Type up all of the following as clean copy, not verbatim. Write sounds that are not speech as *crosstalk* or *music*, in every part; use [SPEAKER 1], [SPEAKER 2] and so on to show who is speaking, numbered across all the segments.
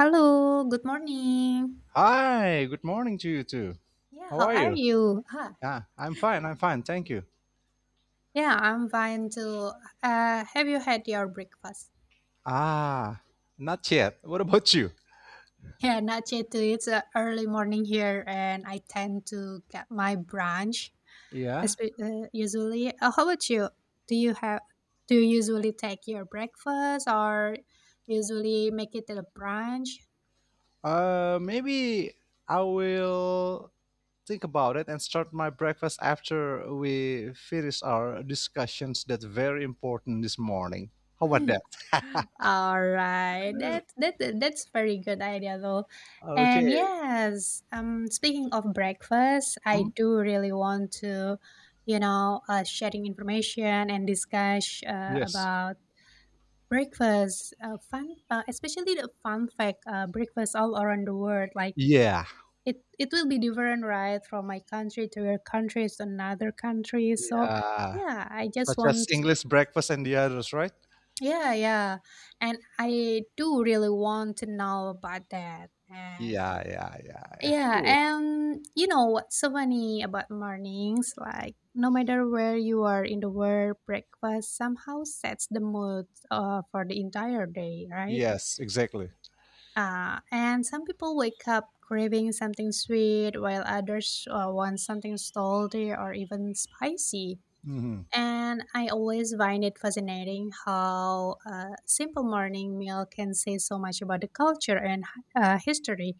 [SPEAKER 1] Hello, good morning.
[SPEAKER 2] Hi, good morning to you too.
[SPEAKER 1] Yeah,
[SPEAKER 2] How
[SPEAKER 1] how
[SPEAKER 2] are
[SPEAKER 1] are
[SPEAKER 2] you?
[SPEAKER 1] you?
[SPEAKER 2] Yeah, I'm fine. I'm fine. Thank you.
[SPEAKER 1] Yeah, I'm fine too. Have you had your breakfast?
[SPEAKER 2] Ah, Not yet. What about you?
[SPEAKER 1] *laughs* Yeah, not yet too. It's early morning here, and I tend to get my brunch
[SPEAKER 2] Yeah.
[SPEAKER 1] usually. How about you? Do you have? Do you usually take your breakfast or usually make it at a brunch?
[SPEAKER 2] Maybe I will think about it and start my breakfast after we finish our discussions that's very important this morning. How about that?
[SPEAKER 1] All right. That's very good idea though. And
[SPEAKER 2] Okay.
[SPEAKER 1] yes, speaking of breakfast, I
[SPEAKER 2] Mhm.
[SPEAKER 1] do really want to, sharing information and discuss
[SPEAKER 2] Yes.
[SPEAKER 1] about breakfast fun especially the fun fact, breakfast all around the world. Like,
[SPEAKER 2] Yeah.
[SPEAKER 1] it will be different, right, from my country to your countries to another country. So
[SPEAKER 2] Yeah.
[SPEAKER 1] yeah, I just
[SPEAKER 2] Such as
[SPEAKER 1] want.
[SPEAKER 2] English breakfast and the others, right?
[SPEAKER 1] Yeah, yeah. And I do really want to know about that. And
[SPEAKER 2] Yeah, yeah, yeah, yeah.
[SPEAKER 1] yeah,
[SPEAKER 2] Cool.
[SPEAKER 1] and you know what's so funny about mornings? Like, no matter where you are in the world, breakfast somehow sets the mood for the entire day, right?
[SPEAKER 2] Yes, exactly.
[SPEAKER 1] And some people wake up craving something sweet, while others want something salty or even spicy.
[SPEAKER 2] Mhm.
[SPEAKER 1] And I always find it fascinating how a simple morning meal can say so much about the culture and history.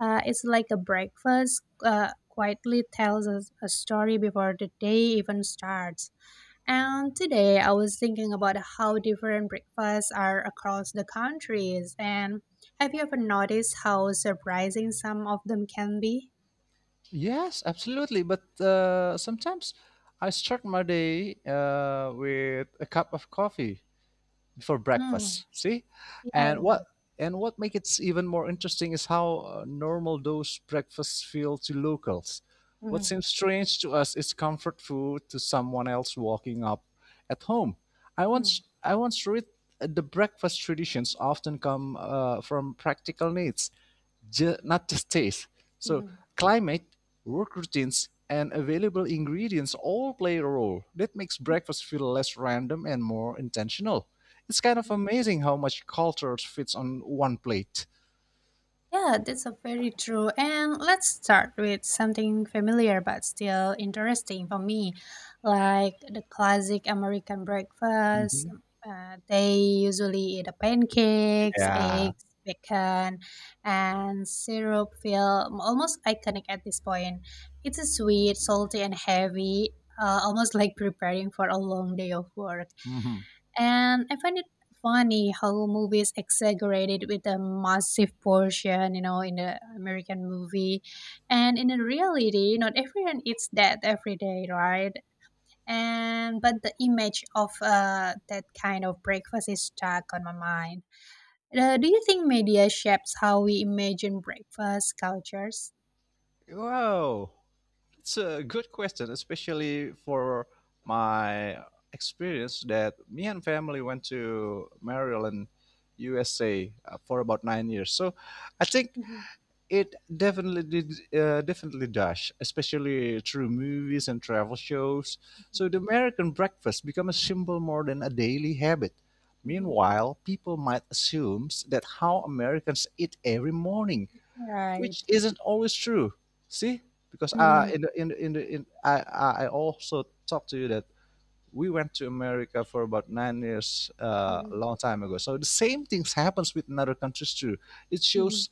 [SPEAKER 1] It's like a breakfast quietly tells us a story before the day even starts. And today I was thinking about how different breakfasts are across the countries. And have you ever noticed how surprising some of them can be?
[SPEAKER 2] Yes, absolutely. But sometimes I start my day with a cup of coffee before
[SPEAKER 1] Mm,
[SPEAKER 2] breakfast. See,
[SPEAKER 1] yeah.
[SPEAKER 2] and
[SPEAKER 1] Yeah.
[SPEAKER 2] what and what makes it even more interesting is how normal those breakfasts feel to locals. What
[SPEAKER 1] Mhm,
[SPEAKER 2] seems strange to us is comfort food to someone else walking up at home. I once
[SPEAKER 1] mhm,
[SPEAKER 2] I once read the breakfast traditions often come from practical needs, ju not just taste. So
[SPEAKER 1] mhm,
[SPEAKER 2] climate, work routines, and available ingredients all play a role. That makes breakfast feel less random and more intentional. It's kind of
[SPEAKER 1] mhm.
[SPEAKER 2] amazing how much culture fits on one plate.
[SPEAKER 1] Yeah, that's a very true. And let's start with something familiar but still interesting for me, like the classic American breakfast.
[SPEAKER 2] Mhm.
[SPEAKER 1] They usually eat the pancakes,
[SPEAKER 2] Yeah.
[SPEAKER 1] eggs, bacon, and syrup feel almost iconic at this point. It's a sweet, salty, and heavy, almost like preparing for a long day of work.
[SPEAKER 2] Hmm.
[SPEAKER 1] And I find it funny how movies exaggerated with a massive portion, you know, in the American movie. And in the reality, not everyone eats that every day, right? And but the image of that kind of breakfast is stuck on my mind. Do you think media shapes how we imagine breakfast cultures?
[SPEAKER 2] Wow, it's a good question, especially for my experience that me and family went to Maryland, USA for about 9 years. So I think
[SPEAKER 1] Mhm,
[SPEAKER 2] it definitely did, definitely does, especially through movies and travel shows.
[SPEAKER 1] mhm,
[SPEAKER 2] So the American breakfast become a symbol more than a daily habit.
[SPEAKER 1] mhm.
[SPEAKER 2] Meanwhile, people might assume that how Americans eat every morning,
[SPEAKER 1] Right.
[SPEAKER 2] which isn't always true. See, because
[SPEAKER 1] hmm
[SPEAKER 2] in the, in the, in, the, in I also talked to you that we went to America for about 9 years, a
[SPEAKER 1] mhm,
[SPEAKER 2] long time ago. So the same things happens with another countries too. It
[SPEAKER 1] mhm.
[SPEAKER 2] shows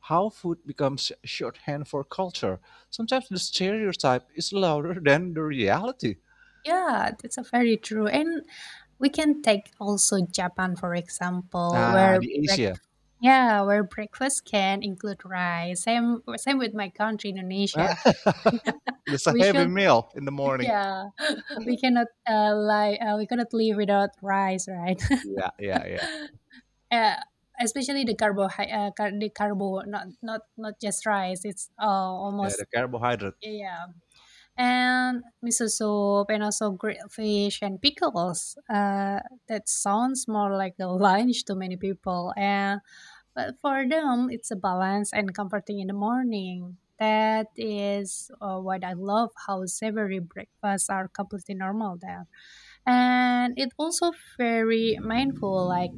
[SPEAKER 2] how food becomes shorthand for culture. Sometimes the stereotype is louder *laughs* than the reality.
[SPEAKER 1] Yeah, that's a very true. And we can take also Japan for example, where
[SPEAKER 2] The
[SPEAKER 1] break,
[SPEAKER 2] Asia.
[SPEAKER 1] yeah, where breakfast can include rice. Same with my country, Indonesia.
[SPEAKER 2] *laughs* It's a
[SPEAKER 1] We
[SPEAKER 2] heavy
[SPEAKER 1] should
[SPEAKER 2] meal in the morning.
[SPEAKER 1] Yeah, *laughs* we cannot we cannot live without rice, right?
[SPEAKER 2] Yeah, yeah, yeah.
[SPEAKER 1] *laughs* uh, Especially the carbo, the carbo, not just rice. It's
[SPEAKER 2] Yeah,
[SPEAKER 1] almost,
[SPEAKER 2] the carbohydrate.
[SPEAKER 1] yeah, and miso soup and also grilled fish and pickles. That sounds more like a lunch to many people, and but for them it's a balance and comforting in the morning. That is what I love. How savory breakfasts are completely normal there, and it also very mindful, like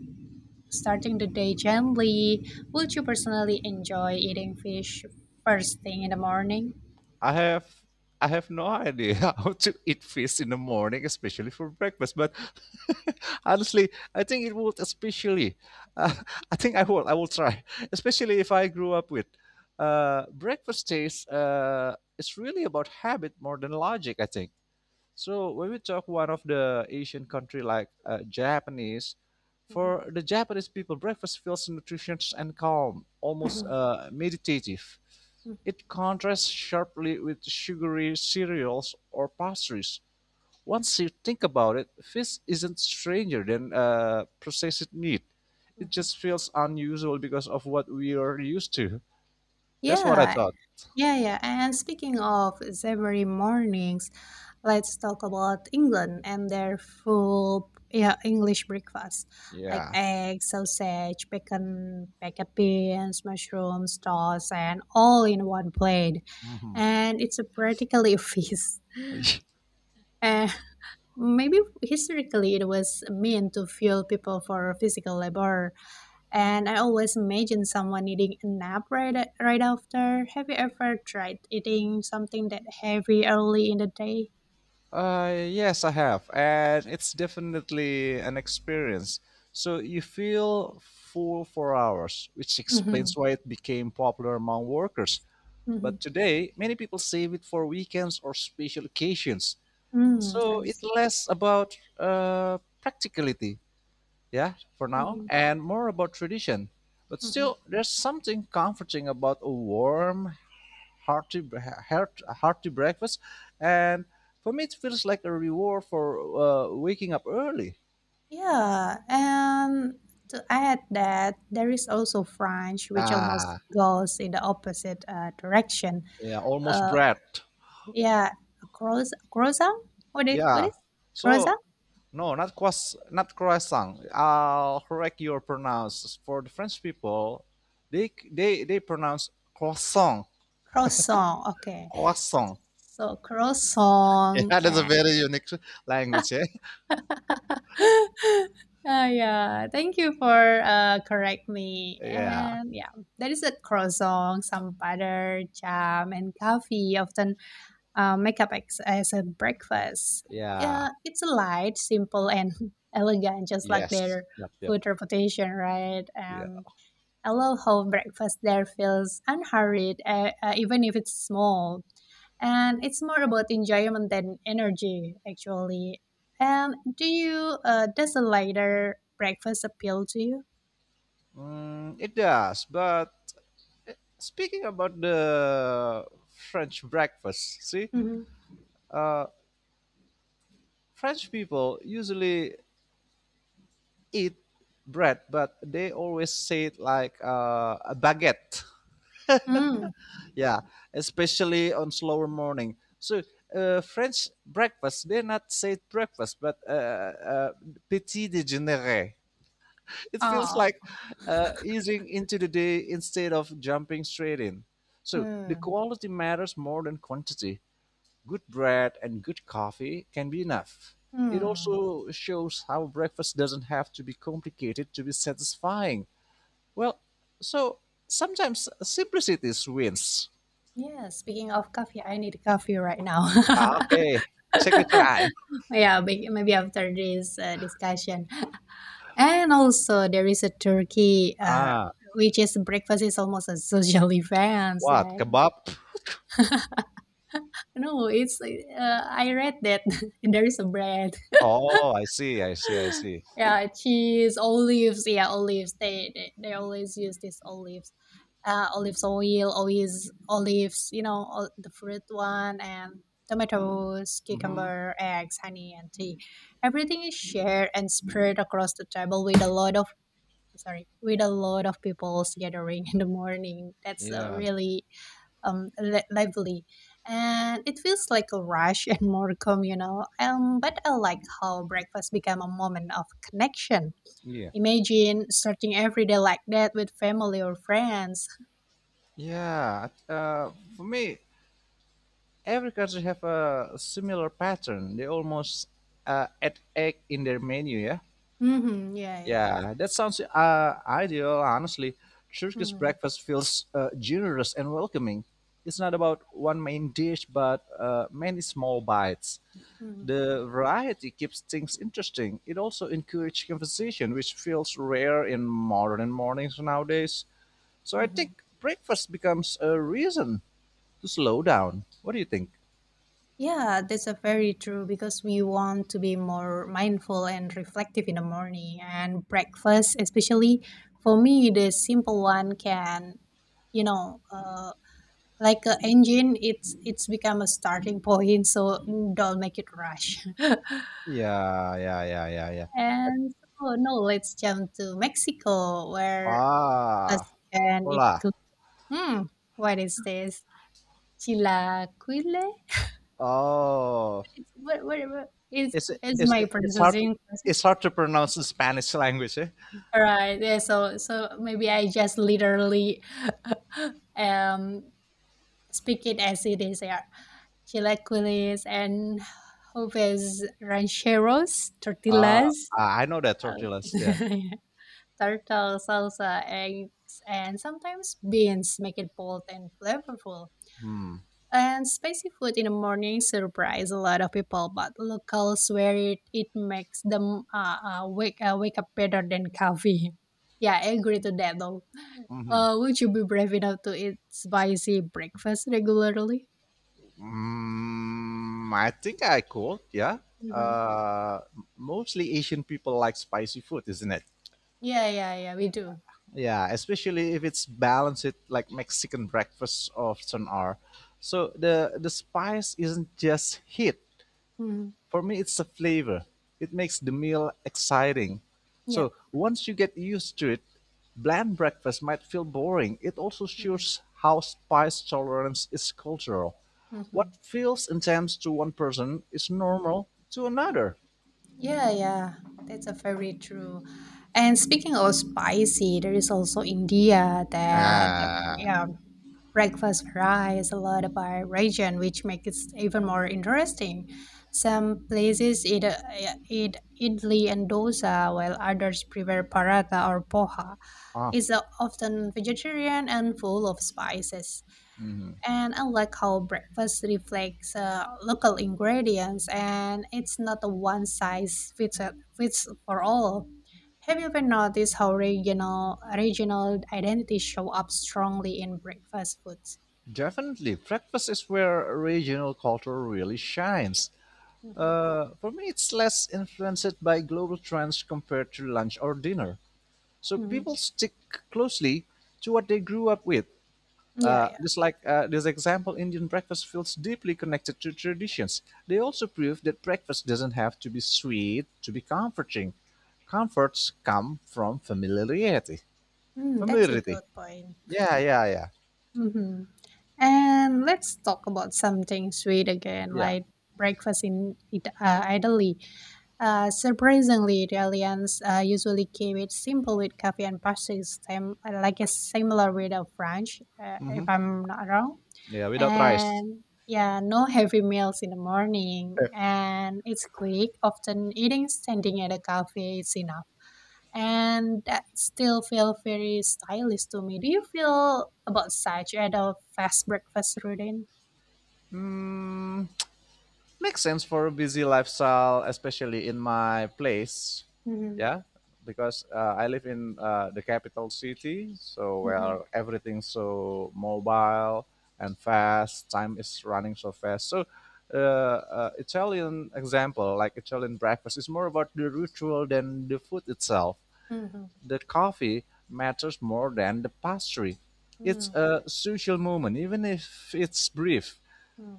[SPEAKER 1] starting the day gently. Would you personally enjoy eating fish first thing in the morning?
[SPEAKER 2] I have I have no idea *laughs* how to eat fish in the morning, especially for breakfast. But *laughs* honestly, I think it would especially. *laughs* Uh, I think I will try, especially if I grew up with breakfast taste. It's really about habit more than logic. I think. So when we talk one of the Asian country like Japanese,
[SPEAKER 1] Mhm,
[SPEAKER 2] for the Japanese people, breakfast feels nutritious and calm, almost
[SPEAKER 1] mhm,
[SPEAKER 2] meditative.
[SPEAKER 1] mhm,
[SPEAKER 2] It contrasts sharply with sugary cereals or pastries. Once you think about it, fish isn't stranger than processed meat. It
[SPEAKER 1] mhm.
[SPEAKER 2] just feels unusual because of what we are used to. That's what I
[SPEAKER 1] Yeah,
[SPEAKER 2] thought.
[SPEAKER 1] yeah, yeah. And speaking of savory mornings, let's talk about England and their full, yeah, English breakfast like
[SPEAKER 2] Yeah.
[SPEAKER 1] eggs, sausage, bacon, baked beans, mushrooms, toast, and all in one plate.
[SPEAKER 2] Mhm.
[SPEAKER 1] And it's a practically *laughs* a feast.
[SPEAKER 2] *laughs*
[SPEAKER 1] And maybe historically it was meant to fuel people for physical labor, and I always imagine someone needing a nap, right, right after. Have you ever tried eating something that heavy early in the day?
[SPEAKER 2] Yes, I have, and it's definitely an experience. So you feel full for hours, which
[SPEAKER 1] Mm-hmm.
[SPEAKER 2] explains why it became popular among workers.
[SPEAKER 1] Mm-hmm.
[SPEAKER 2] But today, many people save it for weekends or special occasions.
[SPEAKER 1] Mm,
[SPEAKER 2] So
[SPEAKER 1] I
[SPEAKER 2] it
[SPEAKER 1] see.
[SPEAKER 2] less about practicality, yeah, for now,
[SPEAKER 1] Mm-hmm.
[SPEAKER 2] and more about tradition. But
[SPEAKER 1] Mm-hmm.
[SPEAKER 2] still, there's something comforting about a warm, hearty, hearty breakfast. And for me, it feels like a reward for waking up early.
[SPEAKER 1] Yeah, and to add that, there is also French, which almost
[SPEAKER 2] Ah,
[SPEAKER 1] goes in the opposite direction.
[SPEAKER 2] yeah, almost
[SPEAKER 1] Uh,
[SPEAKER 2] bread.
[SPEAKER 1] yeah, croissant. Croissant? What is what
[SPEAKER 2] Yeah.
[SPEAKER 1] is
[SPEAKER 2] So
[SPEAKER 1] croissant?
[SPEAKER 2] no, not croissant. I'll correct your pronounce. For the French people, they pronounce croissant,
[SPEAKER 1] Croissant. Okay.
[SPEAKER 2] croissant. *laughs*
[SPEAKER 1] So
[SPEAKER 2] Yeah,
[SPEAKER 1] croissant,
[SPEAKER 2] that's a very unique language. Eh? *laughs*
[SPEAKER 1] *laughs* Yeah, thank you for correct me.
[SPEAKER 2] Yeah,
[SPEAKER 1] And yeah, there is a croissant, some butter, jam, and coffee often make up as a breakfast.
[SPEAKER 2] yeah,
[SPEAKER 1] Yeah, it's a light, simple, and *laughs* elegant, just like
[SPEAKER 2] yes,
[SPEAKER 1] their
[SPEAKER 2] yep, yep,
[SPEAKER 1] food reputation, right?
[SPEAKER 2] yeah.
[SPEAKER 1] I love how breakfast there feels unhurried, even if it's small. And it's more about enjoyment than energy, actually. And do you, does a lighter breakfast appeal to you?
[SPEAKER 2] Mm, it does, but speaking about the French breakfast, see,
[SPEAKER 1] Mhm.
[SPEAKER 2] uh, French people usually eat bread, but they always say it like a baguette.
[SPEAKER 1] Mm.
[SPEAKER 2] Yeah, especially on slower morning. So French breakfast, they not say breakfast, but uh, petit déjeuner. It feels
[SPEAKER 1] Oh.
[SPEAKER 2] like easing into the day instead of jumping straight in. So the
[SPEAKER 1] Mm.
[SPEAKER 2] quality matters more than quantity. Good bread and good coffee can be enough. It
[SPEAKER 1] Mm.
[SPEAKER 2] also shows how breakfast doesn't have to be complicated to be satisfying. Well, so sometimes simplicity wins.
[SPEAKER 1] Yeah, speaking of coffee, I need coffee right now.
[SPEAKER 2] Ah,
[SPEAKER 1] *laughs*
[SPEAKER 2] okay. Check your time.
[SPEAKER 1] Yeah, maybe after this discussion. And also, there is a turkey,
[SPEAKER 2] Ah,
[SPEAKER 1] which is breakfast is almost a social *laughs* event.
[SPEAKER 2] what?
[SPEAKER 1] Like,
[SPEAKER 2] Kebab?
[SPEAKER 1] *laughs* no, it's I read that *laughs* there is a bread.
[SPEAKER 2] Oh, I see, I see, I see.
[SPEAKER 1] Yeah, cheese, olives. Yeah, olives. They always use these olives. Olives oil, always olives. You know, all, the fruit one, and tomatoes,
[SPEAKER 2] Mm-hmm.
[SPEAKER 1] cucumber, eggs, honey, and tea. Everything is shared and spread across the table with a lot of, sorry, with a lot of people's gathering *laughs* in the morning. That's
[SPEAKER 2] Yeah,
[SPEAKER 1] really lively, and it feels like a rush *laughs* and more communal. But I like how breakfast became a moment of connection.
[SPEAKER 2] yeah.
[SPEAKER 1] Imagine starting every day like that with family or friends.
[SPEAKER 2] Yeah, for me, every country have a similar pattern. They almost add egg in their menu, yeah.
[SPEAKER 1] Yeah, yeah.
[SPEAKER 2] Yeah, that sounds ideal, honestly. Turkish
[SPEAKER 1] hmm
[SPEAKER 2] breakfast feels generous and welcoming. It's not about one main dish, but many small bites.
[SPEAKER 1] hmm
[SPEAKER 2] The variety keeps things interesting. It also encourages conversation, which feels rare in modern mornings nowadays. So I
[SPEAKER 1] hmm
[SPEAKER 2] think breakfast becomes a reason to slow down. What do you think?
[SPEAKER 1] Yeah, that's a very true, because we want to be more mindful and reflective in the morning, and breakfast, especially for me, the simple one can, you know, like an engine, it's become a starting point. So don't make it rush. *laughs*
[SPEAKER 2] Yeah, yeah, yeah, yeah, yeah.
[SPEAKER 1] And so no, let's jump to Mexico where
[SPEAKER 2] Ah,
[SPEAKER 1] first can
[SPEAKER 2] hola.
[SPEAKER 1] include. Hmm, what is this? Chilaquile?
[SPEAKER 2] Oh,
[SPEAKER 1] It's, what is
[SPEAKER 2] it's
[SPEAKER 1] is
[SPEAKER 2] it's
[SPEAKER 1] my
[SPEAKER 2] it's hard
[SPEAKER 1] pronunciation.
[SPEAKER 2] it's hard to pronounce the Spanish language. Eh?
[SPEAKER 1] All right. Yeah. So so maybe I just literally *laughs* um speak it as it is. Yeah. Chilaquiles and joves rancheros,
[SPEAKER 2] Uh,
[SPEAKER 1] tortillas,
[SPEAKER 2] I know that
[SPEAKER 1] uh,
[SPEAKER 2] tortillas. Yeah.
[SPEAKER 1] *laughs* turtle salsa, eggs, and sometimes beans make it bold and flavorful. And spicy food in the morning surprise a lot of people, but locals swear it, it makes them wake up better than coffee. *laughs* Yeah, I agree to that though.
[SPEAKER 2] Hmm.
[SPEAKER 1] Would you be brave enough to eat spicy breakfast regularly?
[SPEAKER 2] Mm, I think I could. Yeah.
[SPEAKER 1] Mm-hmm.
[SPEAKER 2] Uh, Mostly Asian people like spicy food, isn't it?
[SPEAKER 1] Yeah, yeah, yeah, we do.
[SPEAKER 2] Yeah, especially if it's balanced with like Mexican breakfast or some are. So the spice isn't just heat.
[SPEAKER 1] Mm-hmm.
[SPEAKER 2] For me, it's the flavor. It makes the meal exciting.
[SPEAKER 1] Yeah.
[SPEAKER 2] So once you get used to it, bland breakfast might feel boring. It also
[SPEAKER 1] Mm-hmm.
[SPEAKER 2] shows how spice tolerance is cultural. What feels intense to one person is normal to another.
[SPEAKER 1] Yeah, yeah, that's a very true. And speaking of spicy, there is also India that
[SPEAKER 2] Ah,
[SPEAKER 1] yeah, breakfast varies a lot by region, which makes it even more interesting. Some places eat, idli and dosa, while others prepare paratha or poha.
[SPEAKER 2] Ah,
[SPEAKER 1] Is often vegetarian and full of spices. And I like how breakfast reflects local ingredients, and it's not a fits for all. Have you ever noticed how regional identities show up strongly in breakfast foods?
[SPEAKER 2] Definitely. Breakfast is where regional culture really shines.
[SPEAKER 1] hmm
[SPEAKER 2] For me, it's less influenced by global trends compared to lunch or dinner. So
[SPEAKER 1] hmm
[SPEAKER 2] people stick closely to what they grew up with.
[SPEAKER 1] Yeah, yeah.
[SPEAKER 2] Just like this example, Indian breakfast feels deeply connected to traditions. They also prove that breakfast doesn't have to be sweet to be comforting. Comforts come from familiarity.
[SPEAKER 1] Mm, that's a
[SPEAKER 2] Familiarity.
[SPEAKER 1] good point.
[SPEAKER 2] Yeah, yeah, yeah,
[SPEAKER 1] *laughs* hmm And let's talk about something sweet again,
[SPEAKER 2] yeah.
[SPEAKER 1] like breakfast in Italy. Surprisingly, Italians usually keep it simple with coffee and pastries, same, like a similar with of French, if
[SPEAKER 2] Hmm.
[SPEAKER 1] I'm not wrong.
[SPEAKER 2] Yeah, without rice.
[SPEAKER 1] And yeah, no *laughs* heavy meals in the morning,
[SPEAKER 2] Eh,
[SPEAKER 1] and it's quick. Often eating standing at a cafe is enough, and that still feel very stylish to me. Do you feel about such at a fast breakfast routine?
[SPEAKER 2] mm, makes sense for a busy lifestyle, especially in my place.
[SPEAKER 1] Mm-hmm.
[SPEAKER 2] Yeah, because I live in the capital city, so
[SPEAKER 1] Mm-hmm.
[SPEAKER 2] where everything's so mobile and fast. Time is running so fast. So, Italian example, like Italian breakfast, is more about the ritual than the food itself.
[SPEAKER 1] Mm-hmm.
[SPEAKER 2] The coffee matters more than the pastry. It's
[SPEAKER 1] Mm-hmm.
[SPEAKER 2] a social moment, even if it's brief.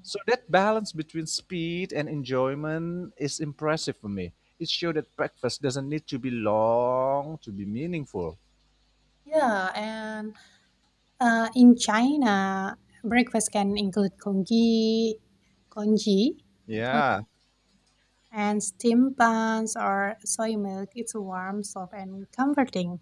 [SPEAKER 2] So that balance between speed and enjoyment is impressive for me. It showed that breakfast doesn't need to be long to be meaningful.
[SPEAKER 1] Yeah, and in China, breakfast can include congee, congee, con-
[SPEAKER 2] Yeah,
[SPEAKER 1] and steamed buns or soy milk. It's warm, soft, and comforting.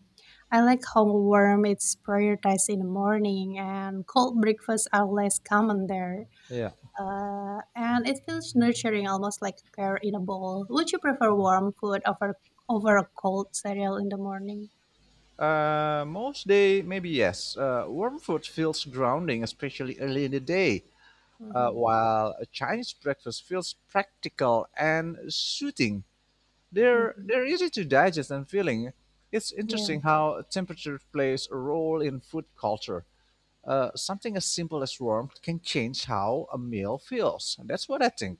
[SPEAKER 1] I like how warm it's prioritized in the morning, and cold breakfasts are less common there.
[SPEAKER 2] yeah.
[SPEAKER 1] And it feels nurturing, almost like care in a bowl. Would you prefer warm food over a cold cereal in the morning?
[SPEAKER 2] Most day, maybe yes. Warm food feels grounding, especially early in the day,
[SPEAKER 1] hmm
[SPEAKER 2] while a Chinese breakfast feels practical and soothing. They're
[SPEAKER 1] hmm
[SPEAKER 2] they're easy to digest and feeling. It's
[SPEAKER 1] Yeah.
[SPEAKER 2] interesting how temperature plays a role in food culture. Something as simple as warmth can change how a meal feels. That's what I think.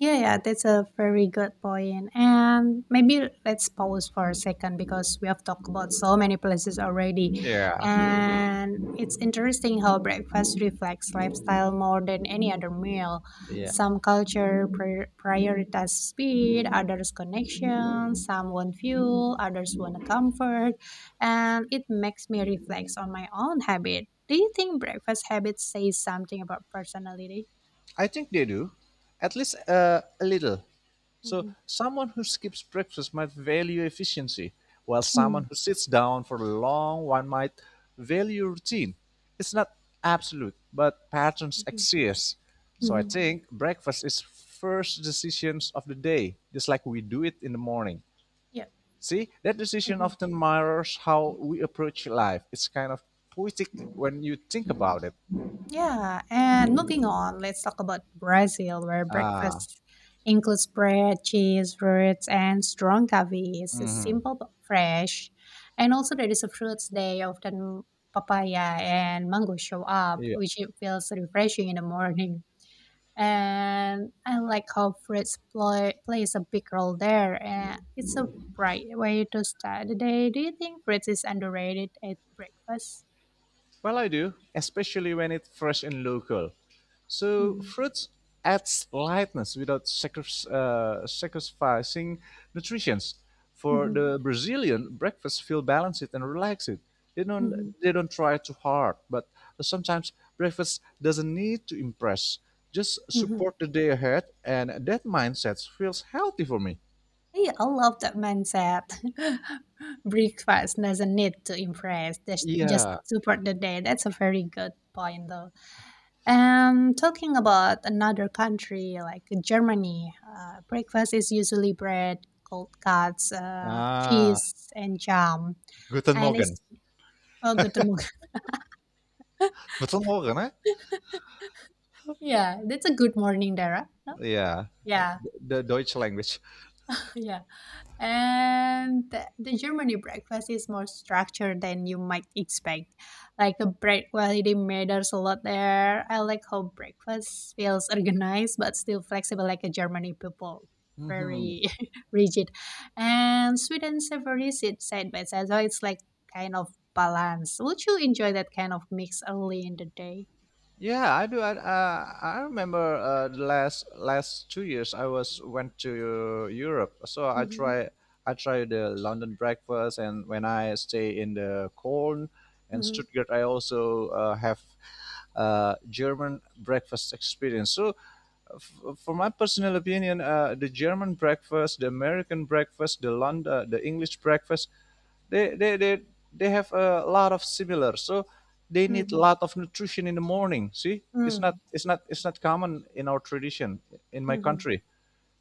[SPEAKER 1] Yeah, yeah, that's a very good point. And maybe let's pause for a second because we have talked about so many places already.
[SPEAKER 2] Yeah.
[SPEAKER 1] And it's interesting how breakfast reflects lifestyle more than any other meal.
[SPEAKER 2] Yeah,
[SPEAKER 1] Some culture prioritize speed, others connection, some want fuel, others want comfort. And it makes me reflect on my own habit. Do you think breakfast habits say something about personality?
[SPEAKER 2] I think they do, at least a little. So,
[SPEAKER 1] Mhm.
[SPEAKER 2] someone who skips breakfast might value efficiency, while
[SPEAKER 1] Mhm.
[SPEAKER 2] someone who sits down for a long one might value routine. It's not absolute, but patterns
[SPEAKER 1] Mhm.
[SPEAKER 2] exist. So, I
[SPEAKER 1] Mhm.
[SPEAKER 2] think breakfast is first decisions of the day, just like we do it in the morning.
[SPEAKER 1] Yeah.
[SPEAKER 2] See, that decision
[SPEAKER 1] Mhm.
[SPEAKER 2] often mirrors how we approach life. It's kind of poetic when you think about it.
[SPEAKER 1] Yeah, and moving on, let's talk about Brazil, where
[SPEAKER 2] Ah,
[SPEAKER 1] breakfast includes bread, cheese, fruits, and strong coffee. It's simple but fresh. And also, there is a fruits day, often papaya and mango show up,
[SPEAKER 2] yeah.
[SPEAKER 1] which it feels refreshing in the morning. And I like how plays a big role there, and it's a bright way to start the day. Do you think fruits is underrated at breakfast?
[SPEAKER 2] Well, I do, especially when it's fresh and local. So
[SPEAKER 1] hmm
[SPEAKER 2] fruits adds lightness without sacrificing nutrition. For
[SPEAKER 1] hmm
[SPEAKER 2] the Brazilian, breakfast feel balanced and relaxed. They don't
[SPEAKER 1] hmm
[SPEAKER 2] they don't try too hard, but sometimes breakfast doesn't need to impress. Just
[SPEAKER 1] Mhm.
[SPEAKER 2] support the day ahead, and that mindset feels healthy for me.
[SPEAKER 1] Hey, I love that mindset. *laughs* Breakfast doesn't need to impress. That's just
[SPEAKER 2] Yeah.
[SPEAKER 1] support the day. That's a very good point, though. And talking about another country like Germany, breakfast is usually bread, cold cuts,
[SPEAKER 2] Ah,
[SPEAKER 1] cheese, and jam.
[SPEAKER 2] guten
[SPEAKER 1] And
[SPEAKER 2] Morgen.
[SPEAKER 1] it's a good *laughs* morning.
[SPEAKER 2] Guten Morgen, eh?
[SPEAKER 1] Yeah, that's a good morning, Dara. No?
[SPEAKER 2] Yeah, the
[SPEAKER 1] Yeah.
[SPEAKER 2] the Deutsch language.
[SPEAKER 1] Yeah. And the Germany breakfast is more structured than you might expect. Like the bread quality matters a lot there. I like how breakfast feels organized but still flexible like a Germany people.
[SPEAKER 2] Mhm.
[SPEAKER 1] Very *laughs* rigid. And sweet and savory sit side by side. So it's like kind of balance. Would you enjoy that kind of mix early in the day?
[SPEAKER 2] Yeah, I do. I remember the last 2 years I was went to Europe, so I
[SPEAKER 1] Mm-hmm.
[SPEAKER 2] try I tried the London breakfast, and when I stay in the Cologne and
[SPEAKER 1] Mm-hmm.
[SPEAKER 2] Stuttgart, I also have German breakfast experience. So, for my personal opinion, the German breakfast, the American breakfast, the London, the English breakfast, they they they they have a lot of similar, so they need a lot of nutrition in the morning. See, it's
[SPEAKER 1] Mm-hmm.
[SPEAKER 2] not it's not it's not common in our tradition in my
[SPEAKER 1] Mm-hmm.
[SPEAKER 2] country.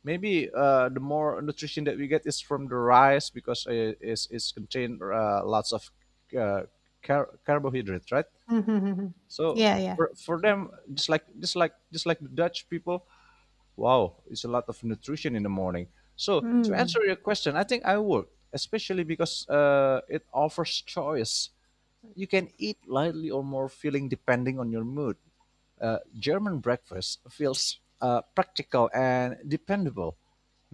[SPEAKER 2] Maybe the more nutrition that we get is from the rice, because it's contained lots of uh, carbohydrates, right?
[SPEAKER 1] Mm-hmm. Yeah,
[SPEAKER 2] So
[SPEAKER 1] yeah.
[SPEAKER 2] for
[SPEAKER 1] Correct.
[SPEAKER 2] them, just like the Dutch people. Wow, it's a lot of nutrition in the morning. So to answer
[SPEAKER 1] Mm.
[SPEAKER 2] your question, I think I would, especially because it offers choice. You can eat lightly or more filling depending on your mood. German breakfast feels practical and dependable.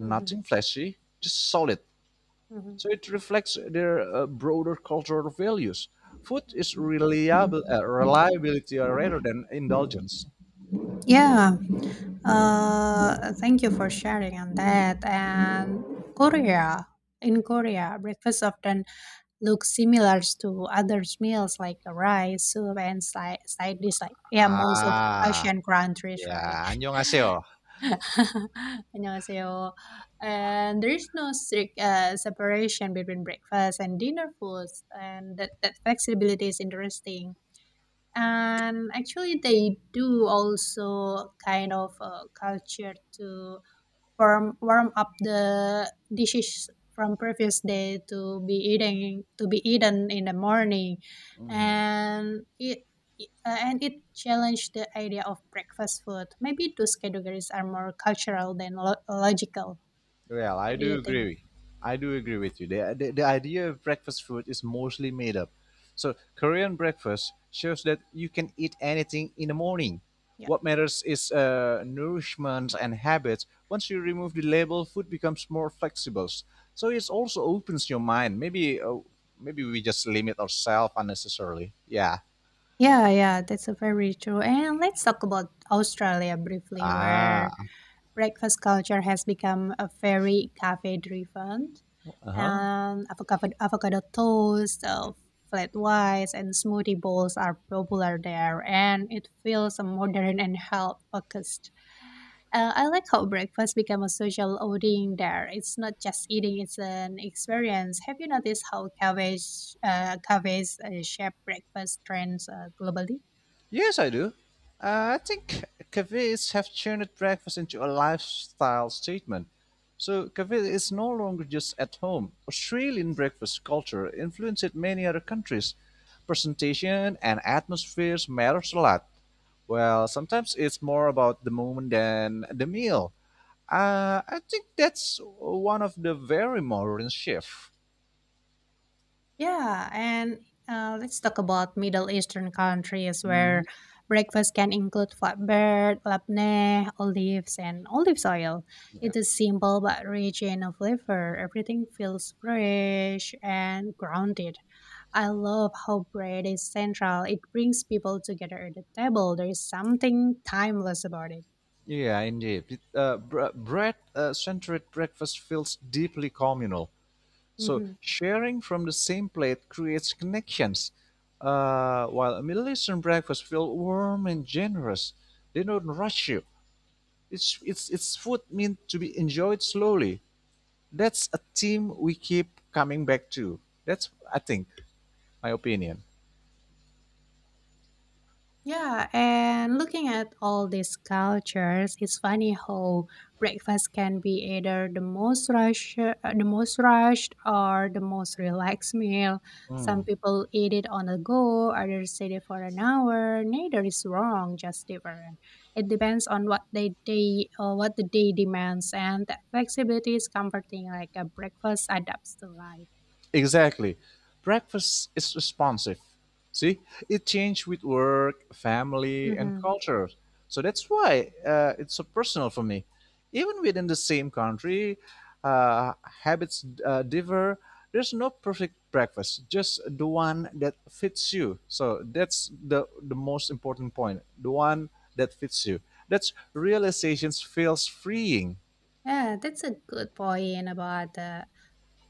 [SPEAKER 1] Mhm,
[SPEAKER 2] flashy, just solid.
[SPEAKER 1] mhm.
[SPEAKER 2] So it reflects their broader cultural values. Food is reliability rather than indulgence.
[SPEAKER 1] Yeah, thank you for sharing on that. And Korea, in Korea, breakfast often looks similar to other meals like rice, soup, and side dish. Like, yeah, most of
[SPEAKER 2] Ah,
[SPEAKER 1] Asian countries, right?
[SPEAKER 2] yeah. 안녕하세요.
[SPEAKER 1] *laughs* 안녕하세요. And there is no strict separation between breakfast and dinner foods, and that flexibility is interesting and actually they do also kind of culture to warm up the dishes from previous day to be eating to be eaten in the morning and it and it challenged the idea of breakfast food. Maybe those categories are more cultural than logical.
[SPEAKER 2] Well, I
[SPEAKER 1] What do
[SPEAKER 2] do
[SPEAKER 1] you think?
[SPEAKER 2] agree. I do agree with you. The idea of breakfast food is mostly made up. So, Korean breakfast shows that you can eat anything in the morning.
[SPEAKER 1] yeah
[SPEAKER 2] What matters is nourishment and habits. Once you remove the label, food becomes more flexible. So it also opens your mind. Maybe we just limit ourselves unnecessarily. Yeah.
[SPEAKER 1] yeah yeah that's a very true. And let's talk about Australia briefly where
[SPEAKER 2] Ah.
[SPEAKER 1] breakfast culture has become a very cafe driven
[SPEAKER 2] Uh huh.
[SPEAKER 1] and avocado toast, flat whites and smoothie bowls are popular there and it feels modern and health focused. I like how breakfast became a social outing there. It's not just eating, it's an experience. Have you noticed how cafes shape breakfast trends globally?
[SPEAKER 2] Yes, I do. I think cafes have turned breakfast into a lifestyle statement. So, cafe is no longer just at home. Australian breakfast culture influenced many other countries. Presentation and atmospheres matters a lot. Well, sometimes it's more about the moment than the meal. I think that's one of the very modern shift.
[SPEAKER 1] Yeah, and let's talk about Middle Eastern countries where
[SPEAKER 2] Mhm.
[SPEAKER 1] breakfast can include flatbread, labneh, olives, and olive oil. It is simple but rich in flavor. Everything feels fresh and grounded. I love how bread is central. It brings people together at the table. There is something timeless about it.
[SPEAKER 2] Yeah, indeed. Bread-centered breakfast feels deeply communal. So
[SPEAKER 1] Mhm.
[SPEAKER 2] sharing from the same plate creates connections, while a Middle Eastern breakfast feels warm and generous. They don't rush you. It's food meant to be enjoyed slowly. That's a theme we keep coming back to. That's I think my opinion.
[SPEAKER 1] Yeah, and looking at all these cultures, it's funny how breakfast can be either the the most rushed, or the most relaxed *laughs* meal. Some people eat it on the go, others eat it for an hour. Neither is wrong, just different. It depends on what the day demands, and that flexibility is comforting. Like a breakfast adapts to life.
[SPEAKER 2] Exactly. Breakfast is responsive. See, it changed with work, family, and
[SPEAKER 1] Hmm.
[SPEAKER 2] culture. So that's why it's so personal for me. Even within the same country, uh, habits differ. There's no perfect breakfast, just the one that fits you. So that's the most important point, the one that fits you. That's realizations feels freeing.
[SPEAKER 1] Yeah, that's a good point about the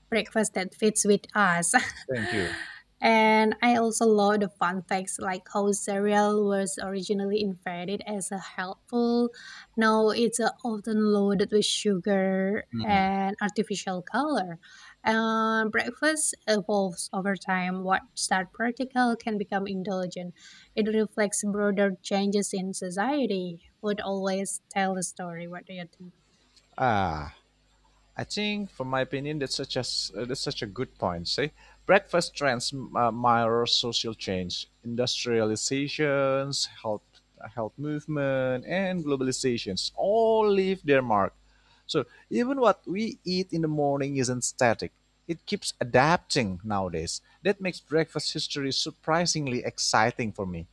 [SPEAKER 1] breakfast that fits with us.
[SPEAKER 2] Thank you.
[SPEAKER 1] *laughs* And I also love the fun facts like how cereal was originally invented as a helpful. Now it's often loaded with sugar and artificial color. Breakfast evolves over time. What start practical can become indulgent. It reflects broader changes in society. Would always tell a story. What do you think?
[SPEAKER 2] Ah. I think, from my opinion, that's such a good point. See, breakfast trends mirror social change, industrializations, health movement, and globalizations all leave their mark. So even what we eat in the morning isn't static; it keeps adapting nowadays. That makes breakfast history surprisingly exciting for me.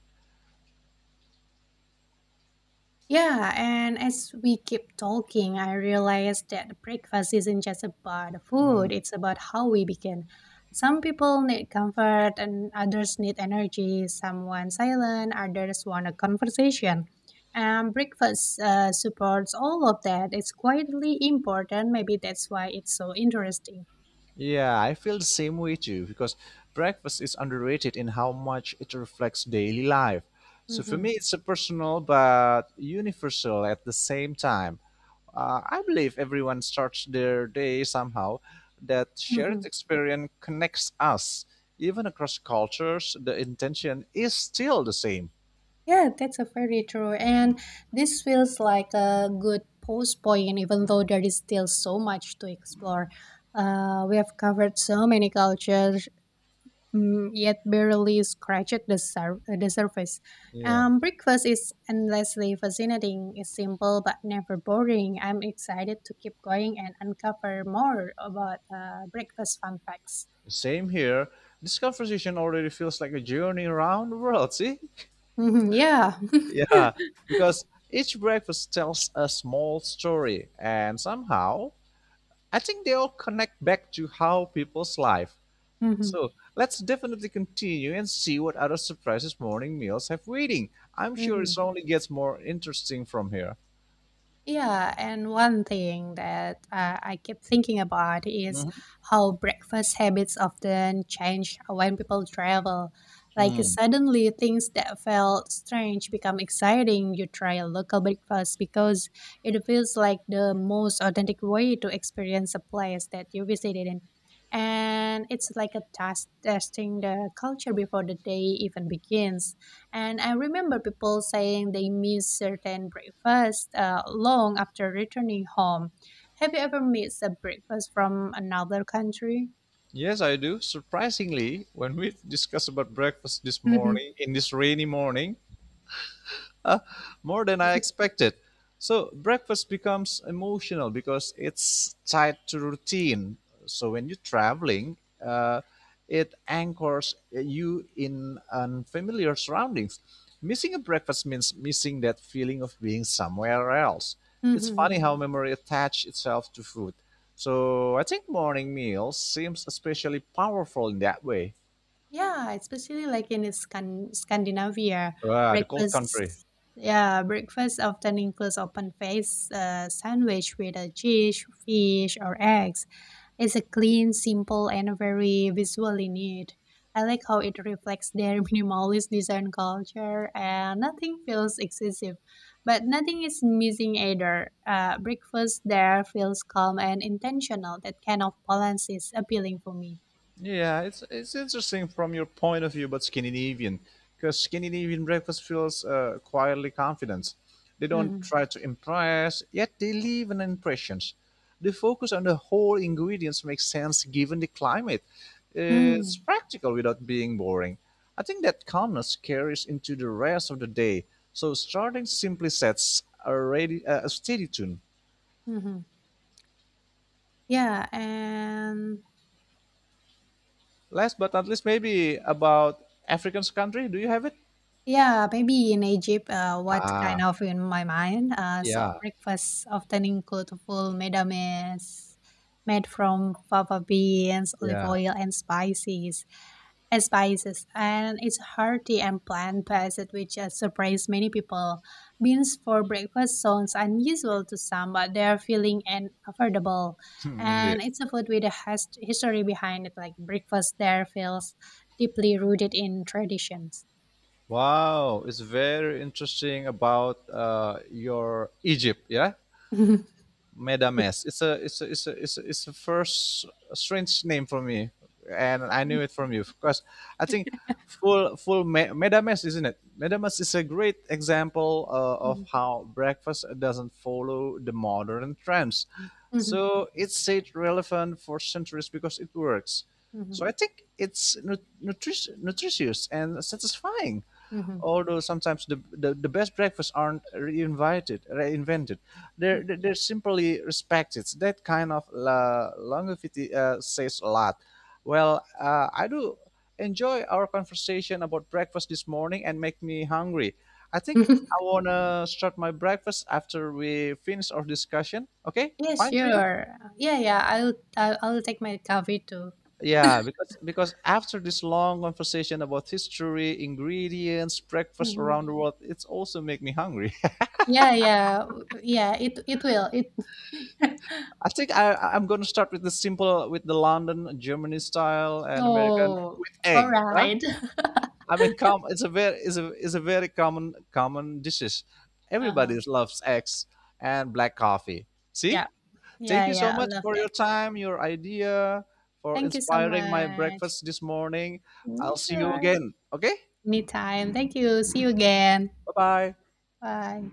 [SPEAKER 1] Yeah, and as we keep talking, I realized that the breakfast isn't just about the food, it's about how we begin. Some people need comfort and others need energy. Some want silent, others want a conversation. And breakfast supports all of that. It's quietly important. Maybe that's why it's so interesting.
[SPEAKER 2] Yeah, I feel the same way too because breakfast is underrated in how much it reflects daily life. So for
[SPEAKER 1] Mm-hmm.
[SPEAKER 2] me, it's a personal but universal at the same time. I believe everyone starts their day somehow. That shared
[SPEAKER 1] Mm-hmm.
[SPEAKER 2] experience connects us. Even across cultures, the intention is still the same.
[SPEAKER 1] Yeah, that's a very true. And this feels like a good post point, even though there is still so much to explore. We have covered so many cultures, mm, yet barely scratched the surface.
[SPEAKER 2] Yeah.
[SPEAKER 1] Breakfast is endlessly fascinating. It's simple but never boring. I'm excited to keep going and uncover more about breakfast fun facts.
[SPEAKER 2] Same here. This conversation already feels like a journey around the world, *laughs* see?
[SPEAKER 1] Mhm, yeah. *laughs*
[SPEAKER 2] Yeah, because each breakfast tells a small story, and somehow I think they all connect back to how people's life.
[SPEAKER 1] Mhm,
[SPEAKER 2] So let's definitely continue and see what other surprises morning meals have waiting. I'm sure it
[SPEAKER 1] mhm.
[SPEAKER 2] only gets more interesting from here.
[SPEAKER 1] Yeah, and one thing that I keep thinking about is
[SPEAKER 2] Mhm.
[SPEAKER 1] how breakfast habits often change when people travel. Like
[SPEAKER 2] Mm.
[SPEAKER 1] suddenly, things that felt strange become exciting. You try a local breakfast because it feels like the most authentic way to experience a place that you visited in. And it's like a task testing the culture before the day even begins. And I remember people saying they miss certain breakfast long after returning home. Have you ever missed a breakfast from another country?
[SPEAKER 2] Yes, I do. Surprisingly, when we discussed about breakfast this morning,
[SPEAKER 1] *laughs*
[SPEAKER 2] in this rainy morning, more than I expected. So breakfast becomes emotional because it's tied to routine. So when you're traveling, uh, it anchors you in unfamiliar surroundings. Missing a breakfast means missing that feeling of being somewhere else. It's funny
[SPEAKER 1] Mhm.
[SPEAKER 2] how
[SPEAKER 1] *laughs*
[SPEAKER 2] memory attaches itself to food. So I think morning meals seems especially powerful in that way.
[SPEAKER 1] Yeah, especially like in Scandinavia,
[SPEAKER 2] Ah, the cold country.
[SPEAKER 1] breakfast. Yeah, breakfast often includes open faced sandwich with a cheese, fish, or eggs. It's a clean, simple, and very visually neat. I like how it reflects their *laughs* minimalist design culture, and nothing feels excessive, but nothing is missing either. Breakfast there feels calm and intentional. That kind of balance is appealing for me.
[SPEAKER 2] Yeah, it's interesting from your point of view, but Scandinavian, because Scandinavian breakfast feels quietly confident. They don't
[SPEAKER 1] Mm-hmm.
[SPEAKER 2] try to impress, yet they leave an impression. The focus on the whole ingredients makes sense given the climate.
[SPEAKER 1] Mm-hmm.
[SPEAKER 2] It's practical without being boring. I think that calmness carries into the rest of the day. So starting simply sets a steady tune.
[SPEAKER 1] Mm-hmm. Yeah, and
[SPEAKER 2] Last but not least, maybe about African country. Do you have it?
[SPEAKER 1] yeah, maybe in Egypt, what kind
[SPEAKER 2] Ah,
[SPEAKER 1] of in my mind? So
[SPEAKER 2] yeah.
[SPEAKER 1] breakfast often include full medames made from fava beans, olive
[SPEAKER 2] Yeah,
[SPEAKER 1] oil, and spices. Spices, and it's hearty and plant-based, which has surprised many people. Beans for breakfast sounds unusual to some, but they are filling and affordable.
[SPEAKER 2] *laughs*
[SPEAKER 1] And
[SPEAKER 2] indeed.
[SPEAKER 1] it's a food with a history behind it, like breakfast there feels deeply rooted in traditions.
[SPEAKER 2] Wow, it's very interesting about your Egypt, yeah?
[SPEAKER 1] *laughs*
[SPEAKER 2] Medames. It's a it's a it's a it's a, it's a first a strange name for me, and I knew it from you because I think Medames, isn't it? Medames is a great example of
[SPEAKER 1] Mhm,
[SPEAKER 2] how breakfast doesn't follow the modern trends.
[SPEAKER 1] mhm,
[SPEAKER 2] So it stayed relevant for centuries because it works. So
[SPEAKER 1] mhm,
[SPEAKER 2] I think it's nutritious and satisfying
[SPEAKER 1] mhm,
[SPEAKER 2] although sometimes the best breakfasts aren't reinvented. They're simply respected. That kind of longevity says a lot. Well, I do enjoy our conversation about breakfast this morning and make me hungry. I think
[SPEAKER 1] mhm.
[SPEAKER 2] I
[SPEAKER 1] *laughs*
[SPEAKER 2] want to start my breakfast after we finish our discussion. Okay,
[SPEAKER 1] Yeah,
[SPEAKER 2] fine to you?
[SPEAKER 1] sure. Yeah, yeah. I'll take my coffee too.
[SPEAKER 2] Yeah, because after this long conversation about history, ingredients, breakfast
[SPEAKER 1] Hmm.
[SPEAKER 2] around the world, it's also make me hungry.
[SPEAKER 1] Yeah, yeah, yeah. It will. It *laughs*
[SPEAKER 2] I think I am gonna start with the simple, with the London Germany style and American
[SPEAKER 1] Oh,
[SPEAKER 2] with egg. Huh?
[SPEAKER 1] alright. *laughs*
[SPEAKER 2] I mean, it's a very is a very common dishes.
[SPEAKER 1] Uh-huh.
[SPEAKER 2] Everybody loves eggs and black coffee.
[SPEAKER 1] Yeah.
[SPEAKER 2] See,
[SPEAKER 1] Yeah,
[SPEAKER 2] thank you so
[SPEAKER 1] yeah, I
[SPEAKER 2] much
[SPEAKER 1] love
[SPEAKER 2] for
[SPEAKER 1] that.
[SPEAKER 2] your time, your idea, for
[SPEAKER 1] Thank you so
[SPEAKER 2] inspiring my
[SPEAKER 1] much.
[SPEAKER 2] breakfast this morning.
[SPEAKER 1] Yeah,
[SPEAKER 2] I'll see you
[SPEAKER 1] sure.
[SPEAKER 2] again. Okay,
[SPEAKER 1] Anytime. Thank you. See you again.
[SPEAKER 2] bye bye.
[SPEAKER 1] Bye.